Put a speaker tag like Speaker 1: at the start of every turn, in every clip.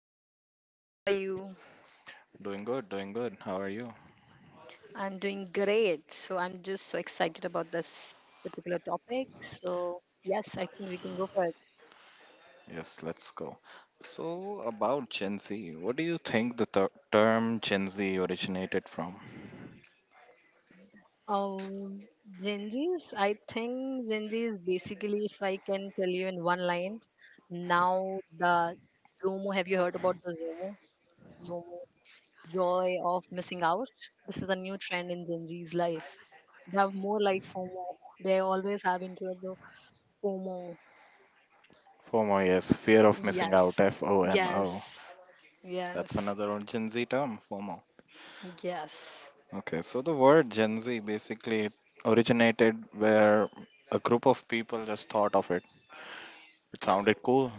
Speaker 1: Hi Manish, how are you?
Speaker 2: Doing good, doing good. How are you?
Speaker 1: I'm doing great. So I'm just so excited about this particular topic. So yes, I think we can go for it.
Speaker 2: Yes, let's go. So, about Gen Z, what do you think the term Gen Z originated from?
Speaker 1: Um, Gen Zs, I think Gen Z is basically, if I can tell you in one line, now the Zomo. Have you heard about the Zomo? Zomo, joy of missing out. This is a new trend in Gen Z's life. They have more like FOMO. They always have into the FOMO.
Speaker 2: FOMO, yes, fear of missing out,
Speaker 1: Yes.
Speaker 2: F O M
Speaker 1: Yes.
Speaker 2: O. That's
Speaker 1: Yes.
Speaker 2: another old Gen Z term, FOMO.
Speaker 1: Yes.
Speaker 2: Okay, so the word Gen Z basically originated where a group of people just thought of it. It sounded cool.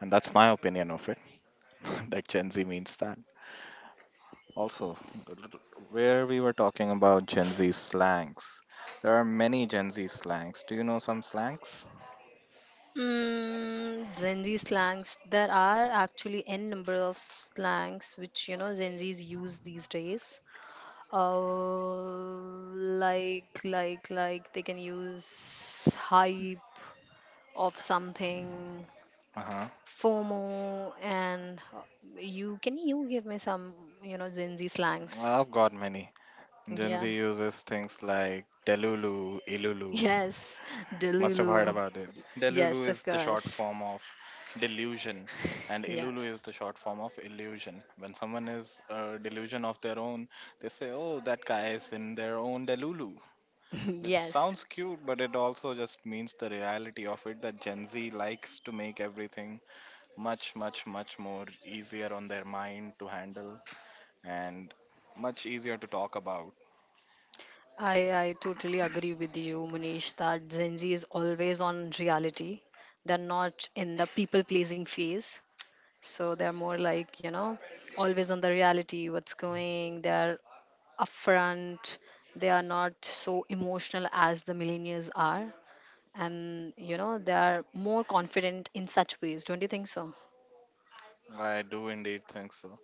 Speaker 2: And that's my opinion of it, that Gen Z means that. Also, where we were talking about Gen Z slangs, there are many Gen Z slangs. Do you know some slangs?
Speaker 1: Gen Z slangs. There are actually n number of slangs which you know Gen Zs use these days. Uh, like they can use hype of something,
Speaker 2: Uh-huh.
Speaker 1: FOMO, and you give me some Gen Z slangs?
Speaker 2: I've got many. Gen
Speaker 1: Yeah.
Speaker 2: Z uses things like Delulu, Ilulu.
Speaker 1: Yes,
Speaker 2: Must have heard
Speaker 1: Delulu.
Speaker 2: about it. Delulu
Speaker 1: Yes, of
Speaker 2: is the short
Speaker 1: course.
Speaker 2: form of delusion, and Ilulu
Speaker 1: Yes.
Speaker 2: is the short form of illusion. When someone is a delusion of their own, they say, "Oh, that guy is in their own Delulu." Which
Speaker 1: yes.
Speaker 2: sounds cute, but it also just means the reality of it that Gen Z likes to make everything much, much, much more easier on their mind to handle and much easier to talk about.
Speaker 1: I totally agree with you, Munish, that Gen Z is always on reality. They're not in the people pleasing phase. So they're more like, you know, always on the reality, what's going, they're upfront, they are not so emotional as the millennials are. And, you know, they are more confident in such ways. Don't you think so?
Speaker 2: I do indeed think so.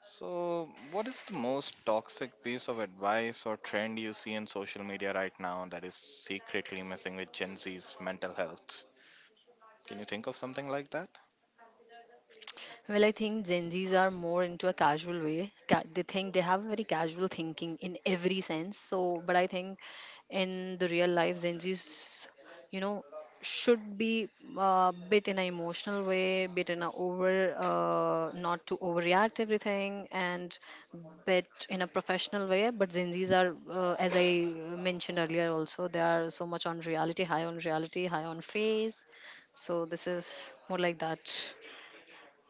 Speaker 2: So, what is the most toxic piece of advice or trend you see in social media right now that is secretly messing with Gen Z's mental health? Can you think of something like that?
Speaker 1: Well, I think Gen Zs are more into a casual way. They think they have very casual thinking in every sense. So, but I think in the real life, Gen Zs, you know, should be a bit in an emotional way, bit in a over, not to overreact everything, and bit in a professional way. But Gen Zs are, as I mentioned earlier, also they are so much on reality, high on reality, high on face. So this is more like that.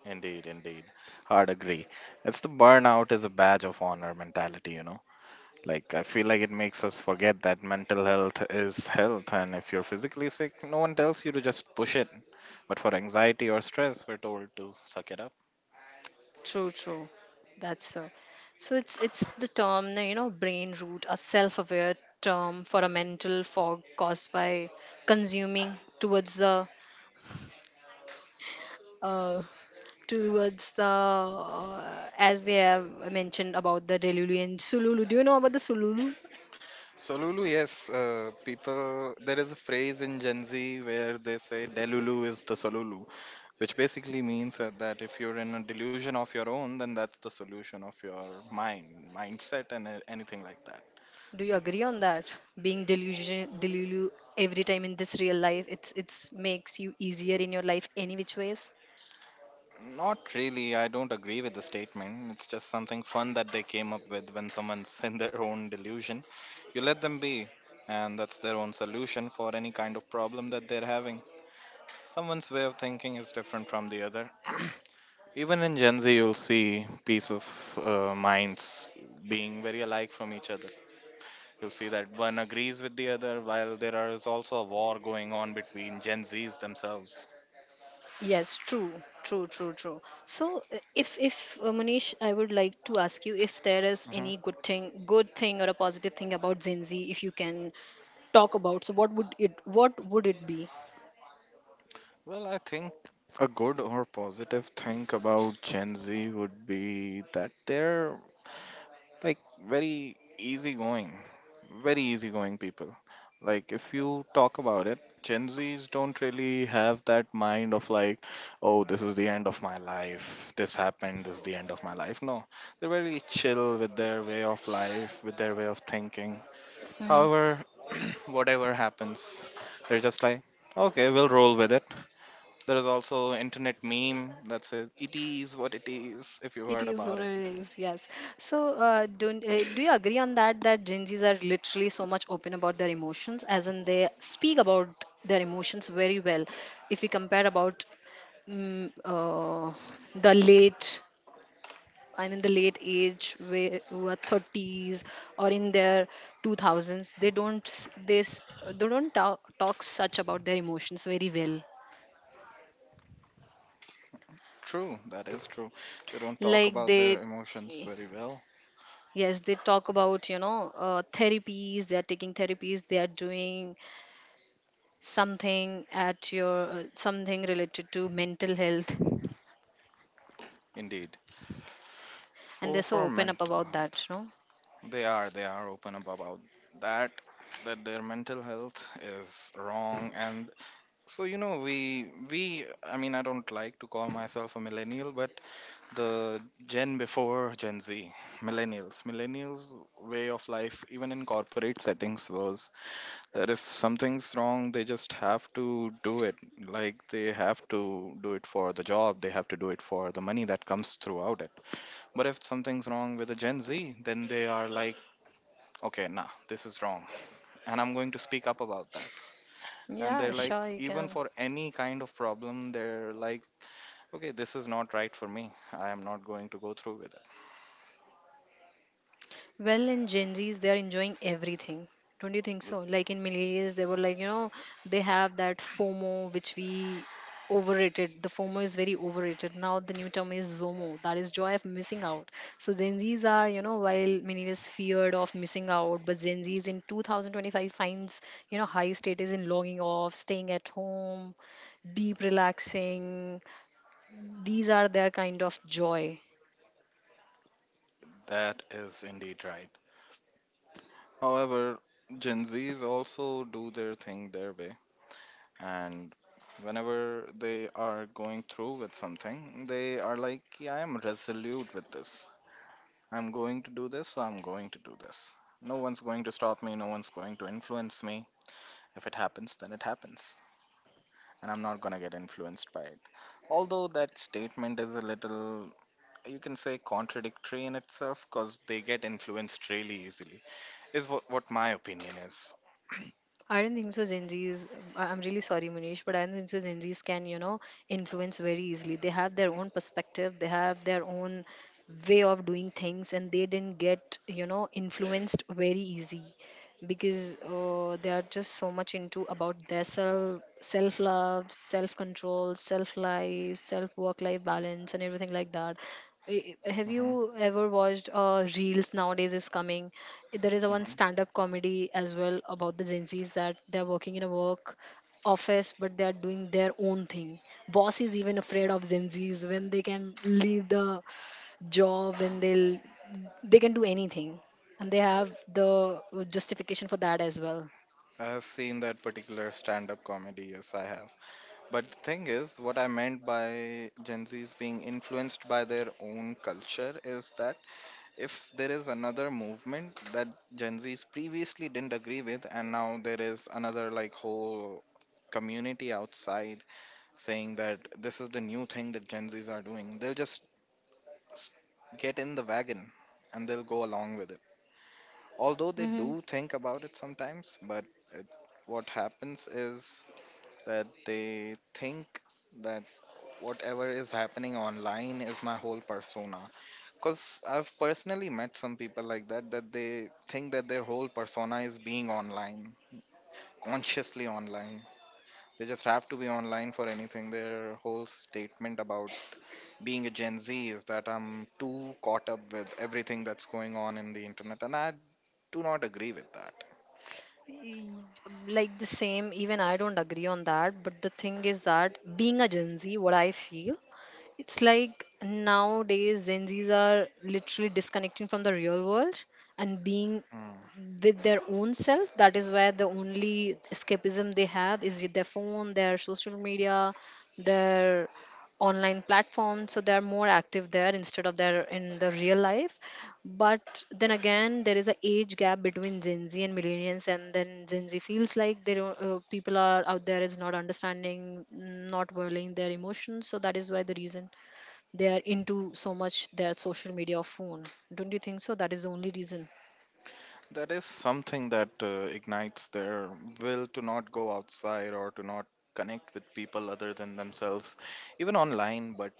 Speaker 2: Indeed, indeed. Hard agree. It's the burnout is a badge of honor mentality. Like, I feel like it makes us forget that mental health is health, and if you're physically sick, no one tells you to just push it. But for anxiety or stress, we're told to suck it up.
Speaker 1: True, true. That's so. So it's the term, you know, brain root, a self-aware term for a mental fog caused by consuming uh, towards the as we have mentioned about the Delulu and Sululu. Do you know about the Sululu?
Speaker 2: So Lulu, yes, people. There is a phrase in Gen Z where they say "Delulu is the solulu," which basically means that if you're in a delusion of your own, then that's the solution of your mind, mindset, and anything like that.
Speaker 1: Do you agree on that? Being delusion, delulu every time in this real life, it's makes you easier in your life any which ways.
Speaker 2: Not really. I don't agree with the statement. It's just something fun that they came up with when someone's in their own delusion. You let them be, and that's their own solution for any kind of problem that they're having. Someone's way of thinking is different from the other. Even in Gen Z, you'll see piece of minds being very alike from each other. You'll see that one agrees with the other, while there is also a war going on between Gen Zs themselves.
Speaker 1: Yes, true, true, true, true. So, if Manish, I would like to ask you if there is any
Speaker 2: Mm-hmm.
Speaker 1: good thing or a positive thing about Gen Z, if you can talk about. So, what would it be?
Speaker 2: Well, I think a good or positive thing about Gen Z would be that they're like very easygoing, very easygoing people. Like, if you talk about it, Gen Zs don't really have that mind of like, oh, this is the end of my life, this happened, this is the end of my life. No, they're very chill with their way of life, with their way of thinking.
Speaker 1: Hmm.
Speaker 2: However, whatever happens, they're just like, okay, we'll roll with it. There is also internet meme that says it is what it is if you heard
Speaker 1: It is
Speaker 2: about
Speaker 1: what
Speaker 2: it.
Speaker 1: it is. Yes. So, don't do you agree on that? That Gen Zs are literally so much open about their emotions, as in they speak about their emotions very well. If we compare about mm, uh, the late I'm in the late age where who are 30s or in their 2000s they don't s- they don't talk such about their emotions very well,
Speaker 2: True, that is true. They don't talk
Speaker 1: like
Speaker 2: about
Speaker 1: they,
Speaker 2: their emotions very well.
Speaker 1: yes, they talk about therapies, they are taking therapies, they are doing something at your something related to mental health,
Speaker 2: Indeed.
Speaker 1: and
Speaker 2: For
Speaker 1: they're so
Speaker 2: for
Speaker 1: open up
Speaker 2: mental
Speaker 1: about
Speaker 2: health.
Speaker 1: that. No.
Speaker 2: They are open about that that their mental health is wrong, and so we I mean, I don't like to call myself a millennial, but the gen before Gen Z millennials way of life even in corporate settings was that if something's wrong, they just have to do it. Like they have to do it for the job, they have to do it for the money that comes throughout it. But if something's wrong with a Gen Z, then they are like, okay, nah, this is wrong. And I'm going to speak up about that. And
Speaker 1: Yeah,
Speaker 2: they're like,
Speaker 1: sure, you
Speaker 2: even
Speaker 1: can.
Speaker 2: for any kind of problem, they're like, okay, this is not right for me. I am not going to go through with
Speaker 1: Well, in Gen Zs, they are enjoying everything. Don't you think
Speaker 2: it.
Speaker 1: so? Like in millennials, they were like, you know, they have that FOMO, which we overrated. The FOMO is very overrated. Now the new term is ZOMO. That is joy of missing out. So Gen Zs are, you know, while millennials feared of missing out, but Gen Zs in 2025 finds, you know, high status in logging off, staying at home, deep relaxing. These are their kind of joy.
Speaker 2: That is indeed right. However, Gen Zs also do their thing their way, and whenever they are going through with something they are like, yeah, I am resolute with this. I'm going to do this, so I'm going to do this. No one's going to stop me, no one's going to influence me. If it happens, then it happens, and I'm not going to get influenced by it. Although that statement is a little, you can say, contradictory in itself because they get influenced really easily is what my opinion is.
Speaker 1: I don't think so. Gen Zs, I'm really sorry, Manish, but I don't think so. Gen Zs can, you know, influence very easily. They have their own perspective, they have their own way of doing things, and they didn't get, you know, influenced very easy, because they are just so much into about their self love, self control, self life, self work life balance, and everything like that. Have
Speaker 2: Hmm.
Speaker 1: you ever watched reels nowadays is coming, there is a one
Speaker 2: Hmm.
Speaker 1: stand up comedy as well about the Gen Z's, that they're working in a work office but they're doing their own thing, boss is even afraid of Gen Z's when they can leave the job, and they can do anything, and they have the justification for that as well.
Speaker 2: I've seen that particular stand-up comedy, yes I have. But the thing is, what I meant by Gen Zs being influenced by their own culture is that if there is another movement that Gen Zs previously didn't agree with, and now there is another like whole community outside saying that this is the new thing that Gen Zs are doing, they'll just s- get in the wagon and they'll go along with it. Although they
Speaker 1: Hmm.
Speaker 2: do think about it sometimes, but it, what happens is that they think that whatever is happening online is my whole persona. Because I've personally met some people like that, that they think that their whole persona is being online, consciously online. They just have to be online for anything. Their whole statement about being a Gen Z is that I'm too caught up with everything that's going on in the internet, and I do not agree with that.
Speaker 1: Like the same, even I don't agree on that, but the thing is that being a Gen Z, what I feel, it's like nowadays Gen Z's are literally disconnecting from the real world and being
Speaker 2: Hmm.
Speaker 1: with their own self. That is where the only escapism they have is with their phone, their social media, their online platform. So they are more active there instead of their in the real life. But then again, there is a age gap between Gen Z and millennials, and then Gen Z feels like they don't people are out there is not understanding, not valuing their emotions. So that is why the reason they are into so much their social media or phone. Don't you think so? That is the only reason.
Speaker 2: That is something that ignites their will to not go outside or to not connect with people other than themselves, even online. But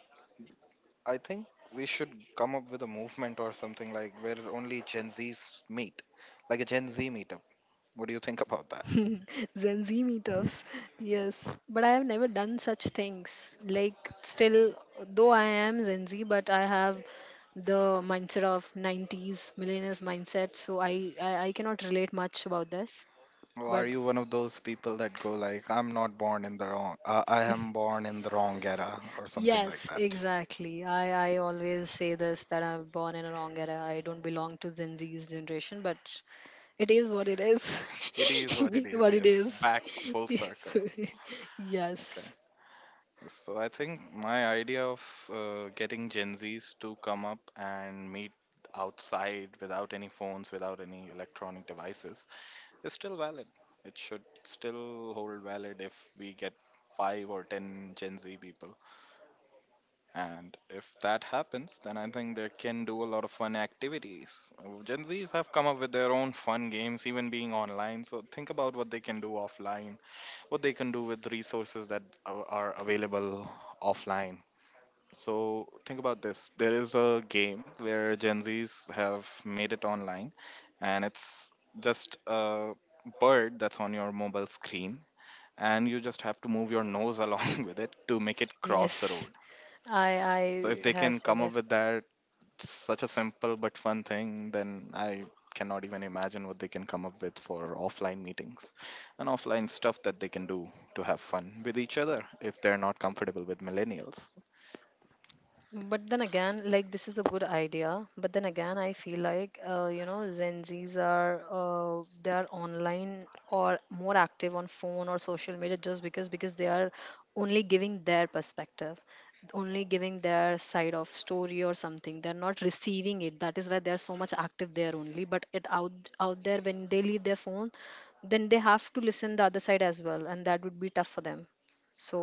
Speaker 2: I think we should come up with a movement or something like where only Gen Zs meet, like a Gen Z meetup. What do you think about that?
Speaker 1: Gen Z meetups. Yes, but I have never done such things. Like, still, though I am Gen Z, but I have the mindset of 90s millennials mindset, so I cannot relate much about this.
Speaker 2: Or are
Speaker 1: But
Speaker 2: you one of those people that go like, "I'm not born in the wrong, I am born in the wrong era" or something like
Speaker 1: yes,
Speaker 2: that?
Speaker 1: exactly. I always say this that I'm born in a wrong era. I don't belong to Gen Z's generation, but it is what it is.
Speaker 2: It is what it is.
Speaker 1: What it
Speaker 2: Yes,
Speaker 1: is.
Speaker 2: back full circle. Okay.
Speaker 1: yes.
Speaker 2: So I think my idea of getting Gen Zs to come up and meet outside without any phones, without any electronic devices is still valid. It should still hold valid if we get 5 or 10 Gen Z people. And if that happens, then I think they can do a lot of fun activities. Gen Zs have come up with their own fun games, even being online. So think about what they can do offline, what they can do with resources that are available offline, so think about this. There is a game where Gen Zs have made it online, and it's just a bird that's on your mobile screen, and you just have to move your nose along with it to make it cross the
Speaker 1: Yes,
Speaker 2: road.
Speaker 1: I
Speaker 2: So if
Speaker 1: I
Speaker 2: they
Speaker 1: have
Speaker 2: can
Speaker 1: seen
Speaker 2: come up
Speaker 1: that.
Speaker 2: with that, such a simple but fun thing, then I cannot even imagine what they can come up with for offline meetings and offline stuff that they can do to have fun with each other if they're not comfortable with millennials.
Speaker 1: But then again, like this is a good idea. But then again, I feel like Gen Zs are they are online or more active on phone or social media just because they are only giving their perspective, only giving their side of story or something. They're not receiving it. That is why they are so much active there only. But it out out there, when they leave their phone, then they have to listen the other side as well, and that would be tough for them. So,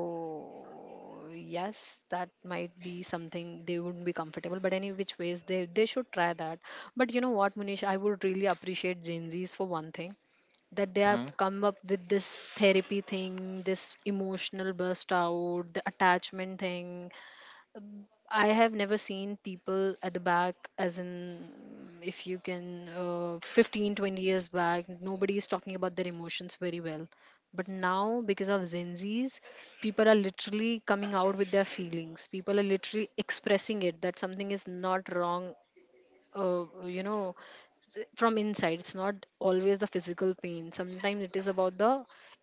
Speaker 1: yes, that might be something they wouldn't be comfortable, but any which ways, they should try that. But you know what, Munish, I would really appreciate Gen Z's for one thing, that they have
Speaker 2: Mm-hmm.
Speaker 1: come up with this therapy thing, this emotional burst out, the attachment thing. I have never seen people at the back, as in, if you can, 15, 20 years back, nobody is talking about their emotions very well. But now, because of Gen Zs, people are literally coming out with their feelings. People are literally expressing it that something is not wrong, uh, you know from inside, it's not always the physical pain, sometimes it is about the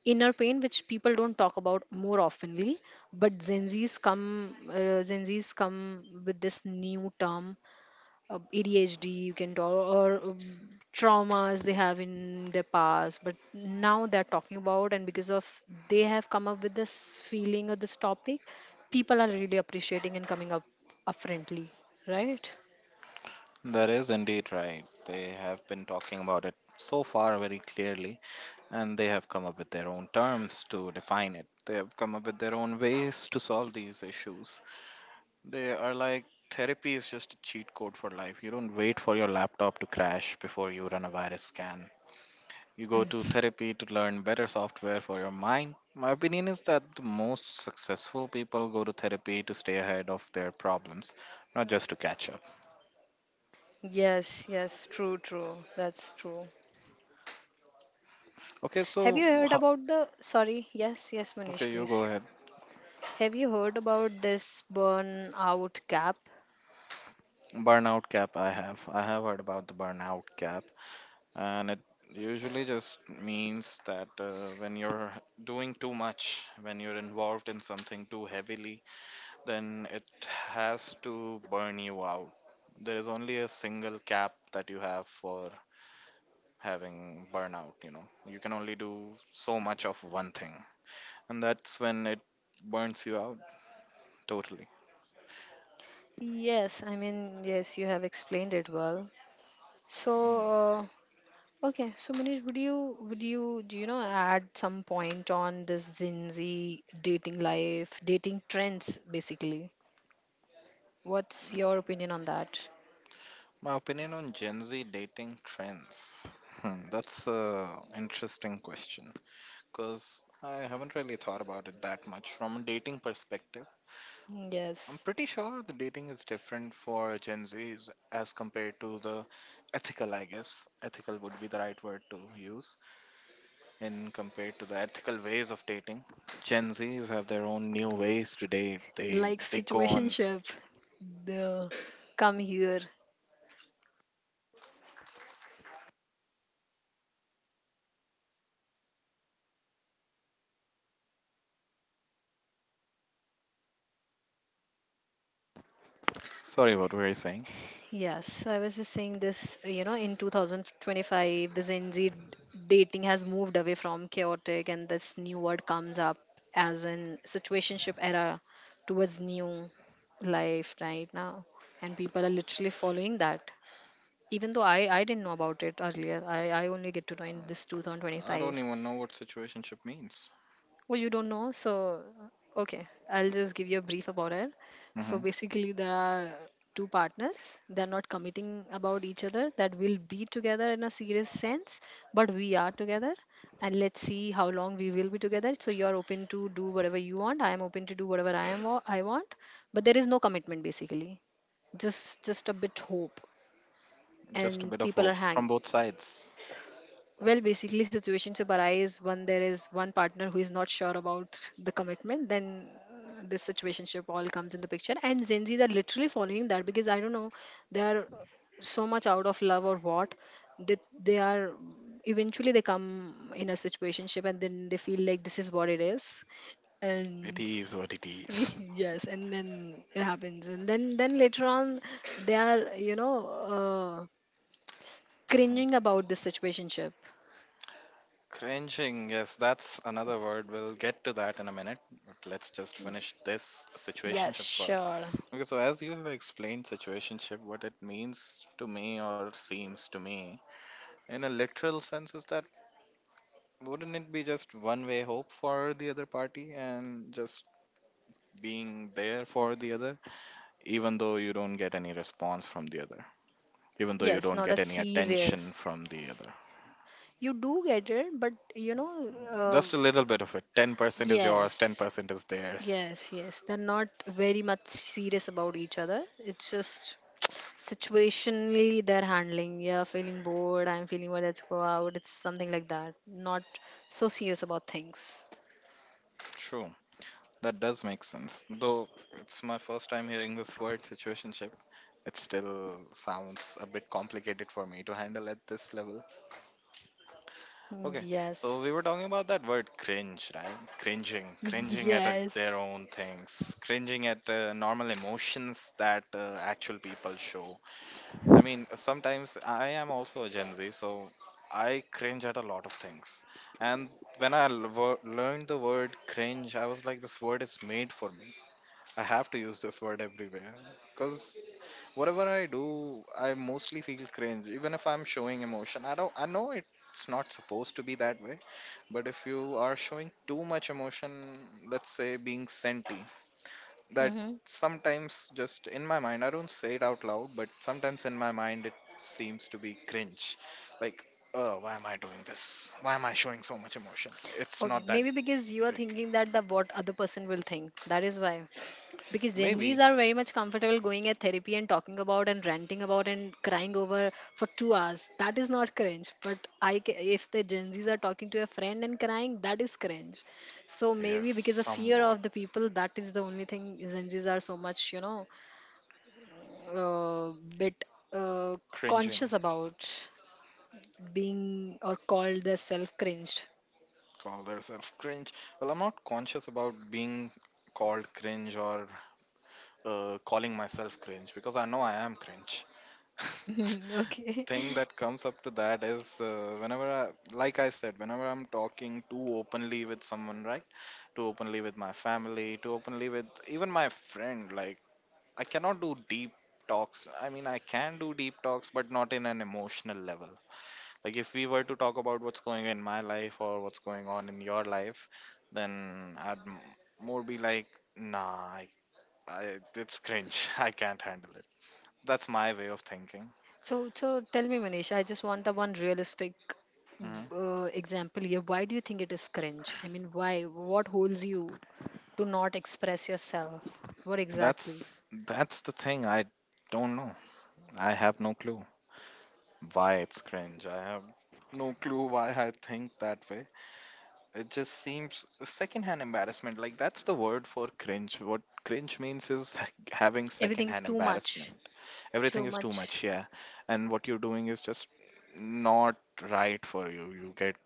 Speaker 1: inner pain, which people don't talk about more oftenly. But Gen Z's come with this new term, ADHD you can talk, or traumas they have in their past, but now they're talking about, and because of they have come up with this feeling or this topic, people are really appreciating and coming up friendly, right?
Speaker 2: That is indeed right. They have been talking about it so far very clearly, and they have come up with their own terms to define it. They have come up with their own ways to solve these issues. They are like, therapy is just a cheat code for life. You don't wait for your laptop to crash before you run a virus scan. You go to therapy to learn better software for your mind. My opinion is that the most successful people go to therapy to stay ahead of their problems, not just to catch up.
Speaker 1: Yes, yes, true, true. That's true.
Speaker 2: Okay,
Speaker 1: Have
Speaker 2: so,
Speaker 1: you heard about the Sorry, yes, yes, Manish,
Speaker 2: okay, you go
Speaker 1: please.
Speaker 2: ahead.
Speaker 1: Have you heard about this burnout gap?
Speaker 2: Burnout cap, I have. I have heard about the burnout cap, and it usually just means that when you're doing too much, when you're involved in something too heavily, then it has to burn you out. There is only a single cap that you have for having burnout, you know. You can only do so much of one thing, and that's when it burns you out totally.
Speaker 1: Yes, I mean, yes, you have explained it well. So, okay, so Manish, would you do you know add some point on this Gen Z dating life, dating trends basically? What's your opinion on that?
Speaker 2: My opinion on Gen Z dating trends. Hmm, that's a interesting question. Because I haven't really thought about it that much from a dating perspective. I'm
Speaker 1: Yes.
Speaker 2: pretty sure the dating is different for Gen Zs as compared to the ethical, I guess. Ethical would be the right word to use in compared to the ethical ways of dating. Gen Zs have their own new ways to date. They
Speaker 1: Like
Speaker 2: they go on.
Speaker 1: situationship. The, come here.
Speaker 2: Sorry, what were you saying?
Speaker 1: Yes, so I was just saying this, in 2025, the Gen Z dating has moved away from chaotic, and this new word comes up as in situationship era towards new life right now. And people are literally following that. Even though I didn't know about it earlier, I only get to know in this
Speaker 2: I don't
Speaker 1: 2025.
Speaker 2: even know what situationship means.
Speaker 1: Well, you don't know, so okay, I'll just give you a brief about it. So
Speaker 2: Hmm.
Speaker 1: basically, there are two partners. They're not committing about each other. That will be together in a serious sense, but we are together, and let's see how long we will be together. So you are open to do whatever you want. I am open to do whatever I want, but there is no commitment basically. Just a bit hope,
Speaker 2: Just a
Speaker 1: and
Speaker 2: bit of
Speaker 1: people are
Speaker 2: hope
Speaker 1: hang.
Speaker 2: from both sides.
Speaker 1: Well, basically, situations arise when there is one partner who is not sure about the commitment, then this situationship all comes in the picture. And Gen Zs are literally following that because I don't know, they are so much out of love or what, that they are eventually they come in a situationship and then they feel like this is what it is,
Speaker 2: It
Speaker 1: and
Speaker 2: is what it is.
Speaker 1: yes, and then it happens, and then later on they are, uh, cringing about this situationship.
Speaker 2: Cringing, yes, that's another word. We'll get to that in a minute. But let's just finish this
Speaker 1: Yes,
Speaker 2: situationship first.
Speaker 1: sure.
Speaker 2: Okay, so as you have explained situationship, what it means to me or seems to me, in a literal sense, is that wouldn't it be just one way hope for the other party and just being there for the other, even though you don't get any response from the other, even though you
Speaker 1: Yes,
Speaker 2: don't
Speaker 1: not a
Speaker 2: get any attention
Speaker 1: serious.
Speaker 2: from the other?
Speaker 1: You do get it, but you know,
Speaker 2: Just a little bit of it. 10% is yours,
Speaker 1: yes,
Speaker 2: 10% is theirs.
Speaker 1: yes. They're not very much serious about each other. It's just situationally they're handling. Yeah, feeling bored. I'm feeling well. Let's go out. It's something like that. Not so serious about things.
Speaker 2: True. That does make sense. Though it's my first time hearing this word situationship, it still sounds a bit complicated for me to handle at this level.
Speaker 1: Mm,
Speaker 2: Okay,
Speaker 1: yes,
Speaker 2: so we were talking about that word cringe, right? Cringing, cringing at their
Speaker 1: yes.
Speaker 2: own things, cringing at normal emotions that actual people show. I mean, sometimes I am also a Gen Z, so I cringe at a lot of things. And when I learned the word cringe, I was like, this word is made for me. I have to use this word everywhere because whatever I do, I mostly feel cringe. Even if I'm showing emotion, I don't. I know it's not supposed to be that way, but if you are showing too much emotion, let's say being senti, that
Speaker 1: Hmm.
Speaker 2: sometimes just in my mind, I don't say it out loud, but sometimes in my mind it seems to be cringe. Like, oh, why am I doing this? Why am I showing so much emotion? It's
Speaker 1: Okay,
Speaker 2: not that
Speaker 1: maybe because you are
Speaker 2: big.
Speaker 1: thinking that the what other person will think. That is why. Because Gen Zs
Speaker 2: Maybe
Speaker 1: are very much comfortable going at therapy and talking about and ranting about and crying over for 2 hours. That is not cringe. But if the Gen Zs are talking to a friend and crying, that is cringe. So
Speaker 2: yes,
Speaker 1: maybe because of fear
Speaker 2: somewhat
Speaker 1: of the people, that is the only thing Gen Zs are so much, you know, bit uh,
Speaker 2: cringing.
Speaker 1: conscious about being or called as self cringed.
Speaker 2: Call yourself cringe. Well, I'm not conscious about being called cringe or calling myself cringe because I know I am cringe.
Speaker 1: Okay.
Speaker 2: Thing that comes up to that is whenever I, like I said, whenever I'm talking too openly with someone, right? Too openly with my family, too openly with even my friend, like I cannot do deep talks. I mean, I can do deep talks, but not in an emotional level. Like if we were to talk about what's going in my life or what's going on in your life, then I'd more be like, nah, I, it's cringe. I can't handle it. That's my way of thinking.
Speaker 1: So tell me, Manish, I just want a one realistic
Speaker 2: hmm
Speaker 1: example here. Why do you think it is cringe? I mean, why? What holds you to not express yourself? What exactly?
Speaker 2: That's that's the thing. I don't know. I have no clue why it's cringe. I have no clue why I think that way. It just seems secondhand embarrassment. Like that's the word for cringe. What cringe means is having
Speaker 1: Everything is
Speaker 2: secondhand
Speaker 1: too much.
Speaker 2: embarrassment. Everything
Speaker 1: Too
Speaker 2: is too
Speaker 1: much.
Speaker 2: much, yeah, and what you're doing is just not right for you. You get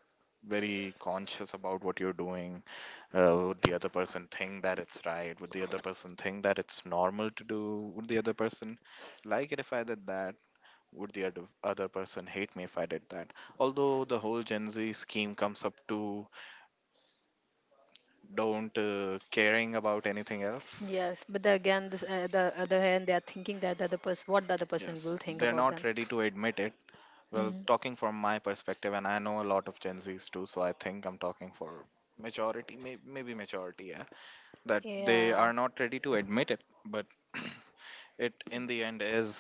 Speaker 2: very conscious about what you're doing. Would the other person think that it's right? Would the other person think that it's normal to do? Would the other person like it if I did that? Would the other person hate me if I did that? Although the whole Gen Z scheme comes up to don't caring about anything else.
Speaker 1: Yes, but again, the other hand, they are thinking that the other person, what the other person
Speaker 2: Yes,
Speaker 1: will think
Speaker 2: they're
Speaker 1: about
Speaker 2: not
Speaker 1: them.
Speaker 2: ready to admit it. Well,
Speaker 1: Mm.
Speaker 2: talking from my perspective, and I know a lot of Gen Zs too, so I think I'm talking for majority, maybe majority, yeah, that they
Speaker 1: Yeah,
Speaker 2: are not ready to admit it, but it in the end is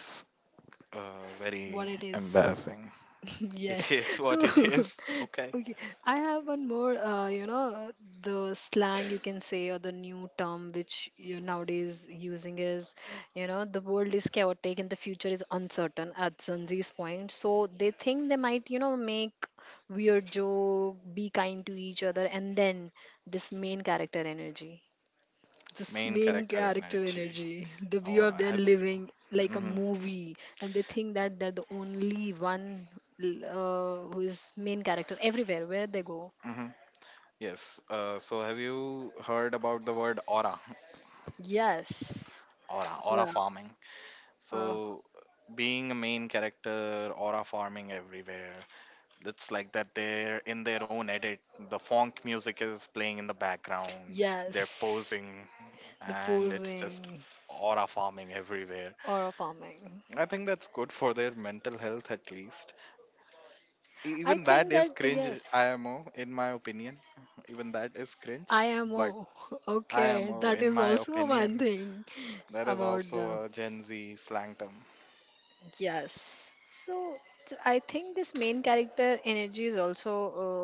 Speaker 2: very
Speaker 1: what it is.
Speaker 2: embarrassing. It
Speaker 1: Yes.
Speaker 2: is
Speaker 1: So,
Speaker 2: what it is. Okay.
Speaker 1: okay, I have one more, the slang you can say or the new term which you nowadays using is, you know, the world is chaotic and the future is uncertain at Zanzi's point. So they think they might, you know, make weird joke, be kind to each other, and then this main character energy this
Speaker 2: Main
Speaker 1: main
Speaker 2: character
Speaker 1: character
Speaker 2: energy,
Speaker 1: energy, the view of
Speaker 2: aura.
Speaker 1: their
Speaker 2: Have you?
Speaker 1: living like a
Speaker 2: Hmm.
Speaker 1: movie. And they think that they're the only one who is main character everywhere where they go.
Speaker 2: Hmm. Yes. So have you heard about the word aura?
Speaker 1: Yes,
Speaker 2: Aura, aura
Speaker 1: aura,
Speaker 2: farming.
Speaker 1: aura.
Speaker 2: So being a main character, aura farming everywhere. It's like that they're in their own edit. The funk music is playing in the background. They're
Speaker 1: Yes,
Speaker 2: posing
Speaker 1: the
Speaker 2: and it's just
Speaker 1: posing,
Speaker 2: aura farming everywhere.
Speaker 1: aura farming.
Speaker 2: I think that's good for their mental health at least.
Speaker 1: I
Speaker 2: Even that
Speaker 1: think that,
Speaker 2: is cringe,
Speaker 1: yes.
Speaker 2: imo, in my opinion. Even that is cringe,
Speaker 1: I am imo.
Speaker 2: but
Speaker 1: Okay,
Speaker 2: imo,
Speaker 1: that
Speaker 2: in
Speaker 1: is
Speaker 2: my
Speaker 1: also one
Speaker 2: opinion,
Speaker 1: thing
Speaker 2: that is
Speaker 1: about the.
Speaker 2: also a Gen Z slang term.
Speaker 1: Yes. So I think this main character energy is also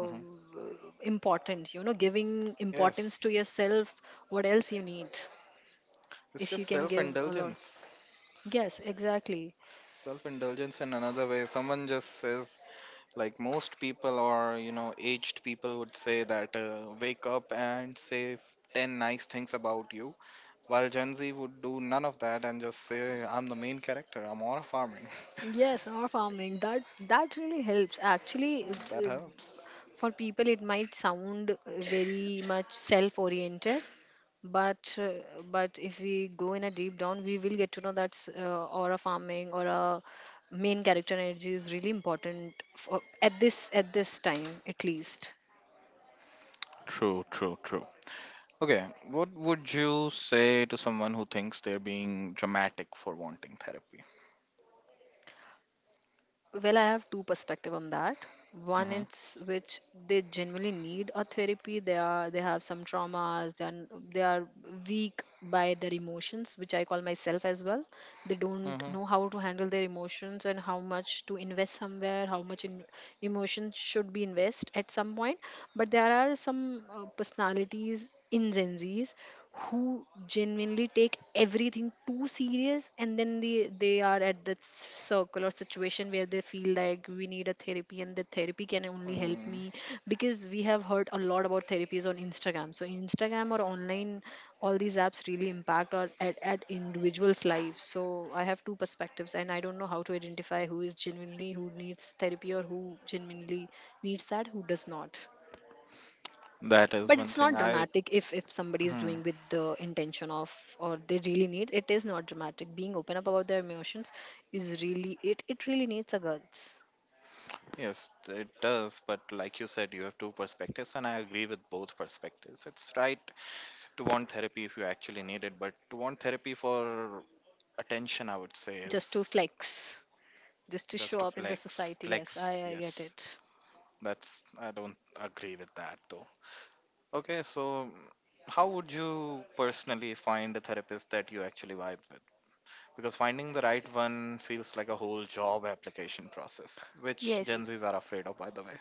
Speaker 2: Hmm.
Speaker 1: important, you know, giving importance
Speaker 2: Yes,
Speaker 1: to yourself, what else you need
Speaker 2: it's
Speaker 1: if you
Speaker 2: just
Speaker 1: can give a lot.
Speaker 2: self-indulgence.
Speaker 1: Yes, exactly.
Speaker 2: Self-indulgence in another way, someone just says, like most people, or you know, aged people would say that, wake up and say 10 nice things about you, while Gen Z would do none of that and just say, I'm the main character, I'm all farming.
Speaker 1: Yes, our farming, that that really helps. Actually, it's,
Speaker 2: That helps.
Speaker 1: for people, it might sound very much self oriented, but if we go in a deep down, we will get to know that aura farming or a main character energy is really important for, at this time at least.
Speaker 2: True, true, true. Okay, what would you say to someone who thinks they're being dramatic for wanting therapy?
Speaker 1: Well, I have two perspective on that. One
Speaker 2: Mm-hmm.
Speaker 1: is which they genuinely need a therapy. They are they have some traumas. They are weak by their emotions, which I call myself as well. They don't
Speaker 2: Mm-hmm.
Speaker 1: know how to handle their emotions and how much to invest somewhere, how much in emotion should be invest at some point. But there are some personalities in Gen Zs who genuinely take everything too serious and then they are at that circle or situation where they feel like we need a therapy and the therapy can only help
Speaker 2: Mm.
Speaker 1: me because we have heard a lot about therapies on Instagram. So Instagram or online, all these apps really impact or at individuals lives. So I have two perspectives and I don't know how to identify who is genuinely who needs therapy or who genuinely needs that, who does not.
Speaker 2: That, that's
Speaker 1: But
Speaker 2: one
Speaker 1: it's
Speaker 2: thing,
Speaker 1: not
Speaker 2: I...
Speaker 1: dramatic if somebody is
Speaker 2: Hmm.
Speaker 1: doing with the intention of or they really need it. Is not dramatic being open up about their emotions is really it really needs a guts,
Speaker 2: Yes, it does, but like you said, you have two perspectives, and I agree with both perspectives. It's right to want therapy if you actually need it, but to want therapy for attention, I would say,
Speaker 1: just to
Speaker 2: is
Speaker 1: flex, just to
Speaker 2: just
Speaker 1: show
Speaker 2: to
Speaker 1: up in the
Speaker 2: flex.
Speaker 1: society. Yes, i
Speaker 2: Flex,
Speaker 1: i get
Speaker 2: yes.
Speaker 1: it.
Speaker 2: That's, I don't agree with that though. Okay, so how would you personally find a therapist that you actually vibe with? Because finding the right one feels like a whole job application process, which
Speaker 1: Yes,
Speaker 2: Gen Zs are afraid of, by the way.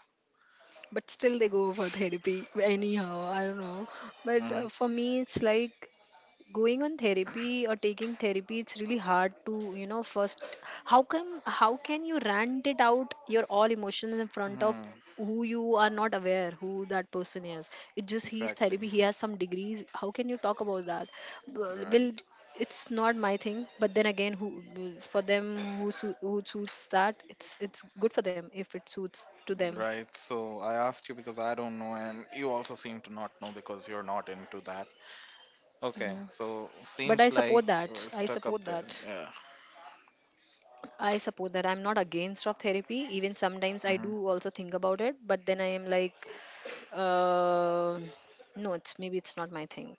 Speaker 1: but still they go for therapy anyhow, I don't know. But
Speaker 2: Hmm.
Speaker 1: for me it's like going on therapy or taking therapy it's really hard to, you know, first how come how can you rant it out your all emotions in front of
Speaker 2: Hmm.
Speaker 1: who you are not aware who that person is. It just he's
Speaker 2: Exactly.
Speaker 1: therapy, he has some degrees, how can you talk about that? Well,
Speaker 2: Right,
Speaker 1: it's not my thing. But then again who for them who, who suits that, it's good for them if it suits to them.
Speaker 2: right. So I asked you because I don't know, and you also seem to not know because you're not into that. Okay,
Speaker 1: Hmm.
Speaker 2: so
Speaker 1: But I
Speaker 2: seems like
Speaker 1: support that,
Speaker 2: we're
Speaker 1: I
Speaker 2: stuck up
Speaker 1: support
Speaker 2: there.
Speaker 1: that.
Speaker 2: Yeah.
Speaker 1: I support that. I'm not against of therapy. Even sometimes I
Speaker 2: Hmm.
Speaker 1: do also think about it, but then I am like, uh, no, it's maybe it's not my thing.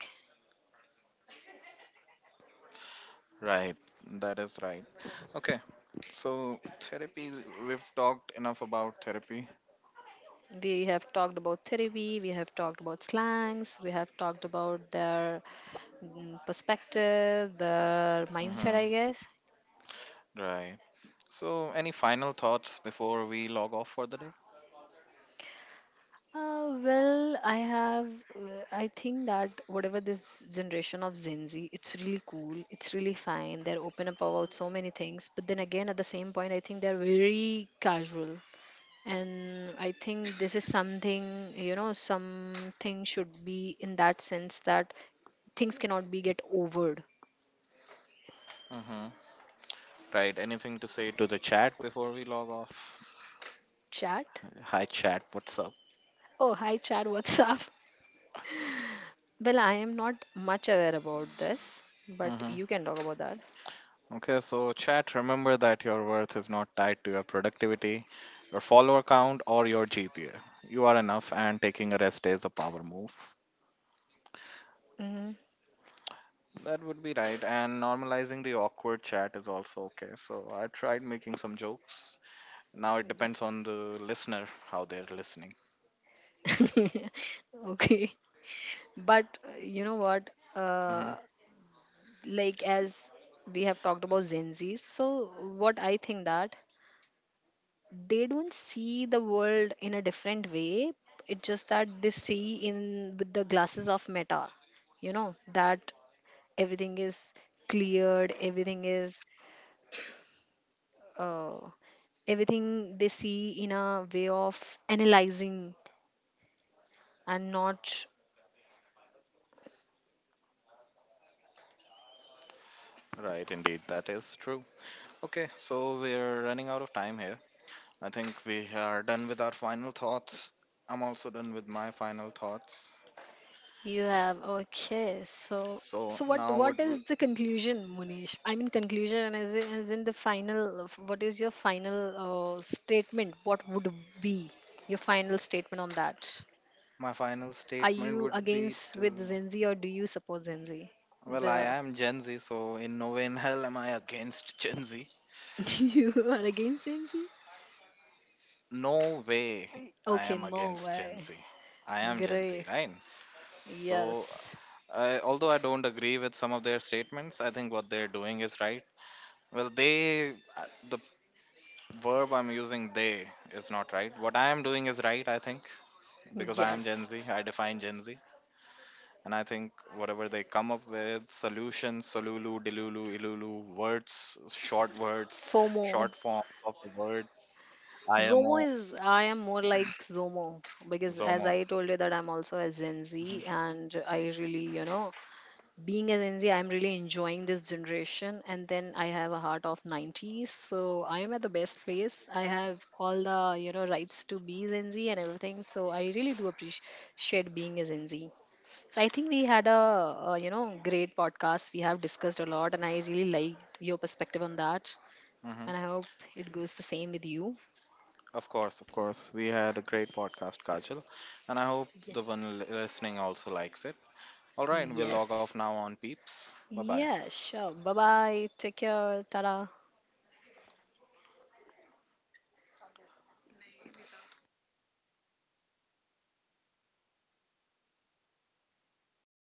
Speaker 2: Right, that is right. Okay, so therapy, we've talked enough about therapy.
Speaker 1: We have talked about therapy. We have talked about slangs. We have talked about their mm, perspective, their
Speaker 2: Hmm.
Speaker 1: mindset, I guess.
Speaker 2: Right. So, any final thoughts before we log off for the day?
Speaker 1: Well, I have. I think that whatever this generation of Gen Z, it's really cool. It's really fine. They're open up about so many things. But then again, at the same point, I think they're very casual. And I think this is something, you know, something should be in that sense that things cannot be get overed.
Speaker 2: Hmm. Right, anything to say to the chat before we log off?
Speaker 1: Chat?
Speaker 2: Hi, chat, what's
Speaker 1: Oh, hi, chat. What's up? Well, I am not much aware about this, but
Speaker 2: up?
Speaker 1: you can talk about that.
Speaker 2: Okay, so chat, remember that your worth is not tied to your productivity, your follower count, or your GPA. You are enough, and taking a rest day is a power move.
Speaker 1: Hmm.
Speaker 2: That would be right. And normalizing the awkward chat is also okay. So I tried making some jokes. Now it depends on the listener how they're listening.
Speaker 1: Okay. But you know what?
Speaker 2: Hmm.
Speaker 1: Like as we have talked about Gen Zs, so what I think that they don't see the world in a different way. It's just that they see in with the glasses of meta, you know, that everything is cleared, everything is uh, everything they see in a way of analyzing and not.
Speaker 2: Right, indeed, that is true. Okay, so we're running out of time here. I think we are done with our final thoughts. I'm also done with my final thoughts.
Speaker 1: You have okay. So
Speaker 2: So
Speaker 1: so what
Speaker 2: now what we...
Speaker 1: is the conclusion, Munish? I mean conclusion, and as in the final. What is your final statement? What would be your final statement on that?
Speaker 2: My final
Speaker 1: Are
Speaker 2: statement
Speaker 1: you
Speaker 2: would be
Speaker 1: against with
Speaker 2: to...
Speaker 1: Gen Z or do you support Gen Z?
Speaker 2: Well, I
Speaker 1: The
Speaker 2: am Gen Z, so in no way in hell am I against Gen Z.
Speaker 1: you are against Gen Z?
Speaker 2: No way. I
Speaker 1: Okay,
Speaker 2: am
Speaker 1: no
Speaker 2: against Gen
Speaker 1: way.
Speaker 2: Z. I am Gen Z,
Speaker 1: Great.
Speaker 2: right? So,
Speaker 1: Yes.
Speaker 2: I, although I don't agree with some of their statements, I think what they're doing is right. Well, they, the verb I'm using, they, is not right. What I am doing is right, I think, because I am Gen
Speaker 1: Yes.
Speaker 2: Z. I define Gen Z. And I think whatever they come up with, solutions, salulu, dilulu, ilulu, words,
Speaker 1: FOMO.
Speaker 2: short forms of the words,
Speaker 1: Zomo
Speaker 2: IMO,
Speaker 1: is I am more like Zomo because as
Speaker 2: ZOMO.
Speaker 1: I told you that I'm also a Gen Z and I really, you know, being a Gen Z, I'm really enjoying this generation and then I have a heart of 90s. So I am at the best place. I have all the, you know, rights to be Gen Z and everything. So I really do appreciate being a Gen Z. So I think we had a you know, great podcast. We have discussed a lot and I really liked your perspective on that and
Speaker 2: Hmm.
Speaker 1: I hope it goes the same with you.
Speaker 2: Of course, of course. We had a great podcast, Kajal. And I hope the one listening also likes it. All right, we'll log off
Speaker 1: Yes.
Speaker 2: now on Peeps. Bye bye.
Speaker 1: Yeah, sure. Bye bye. Take care. Tada.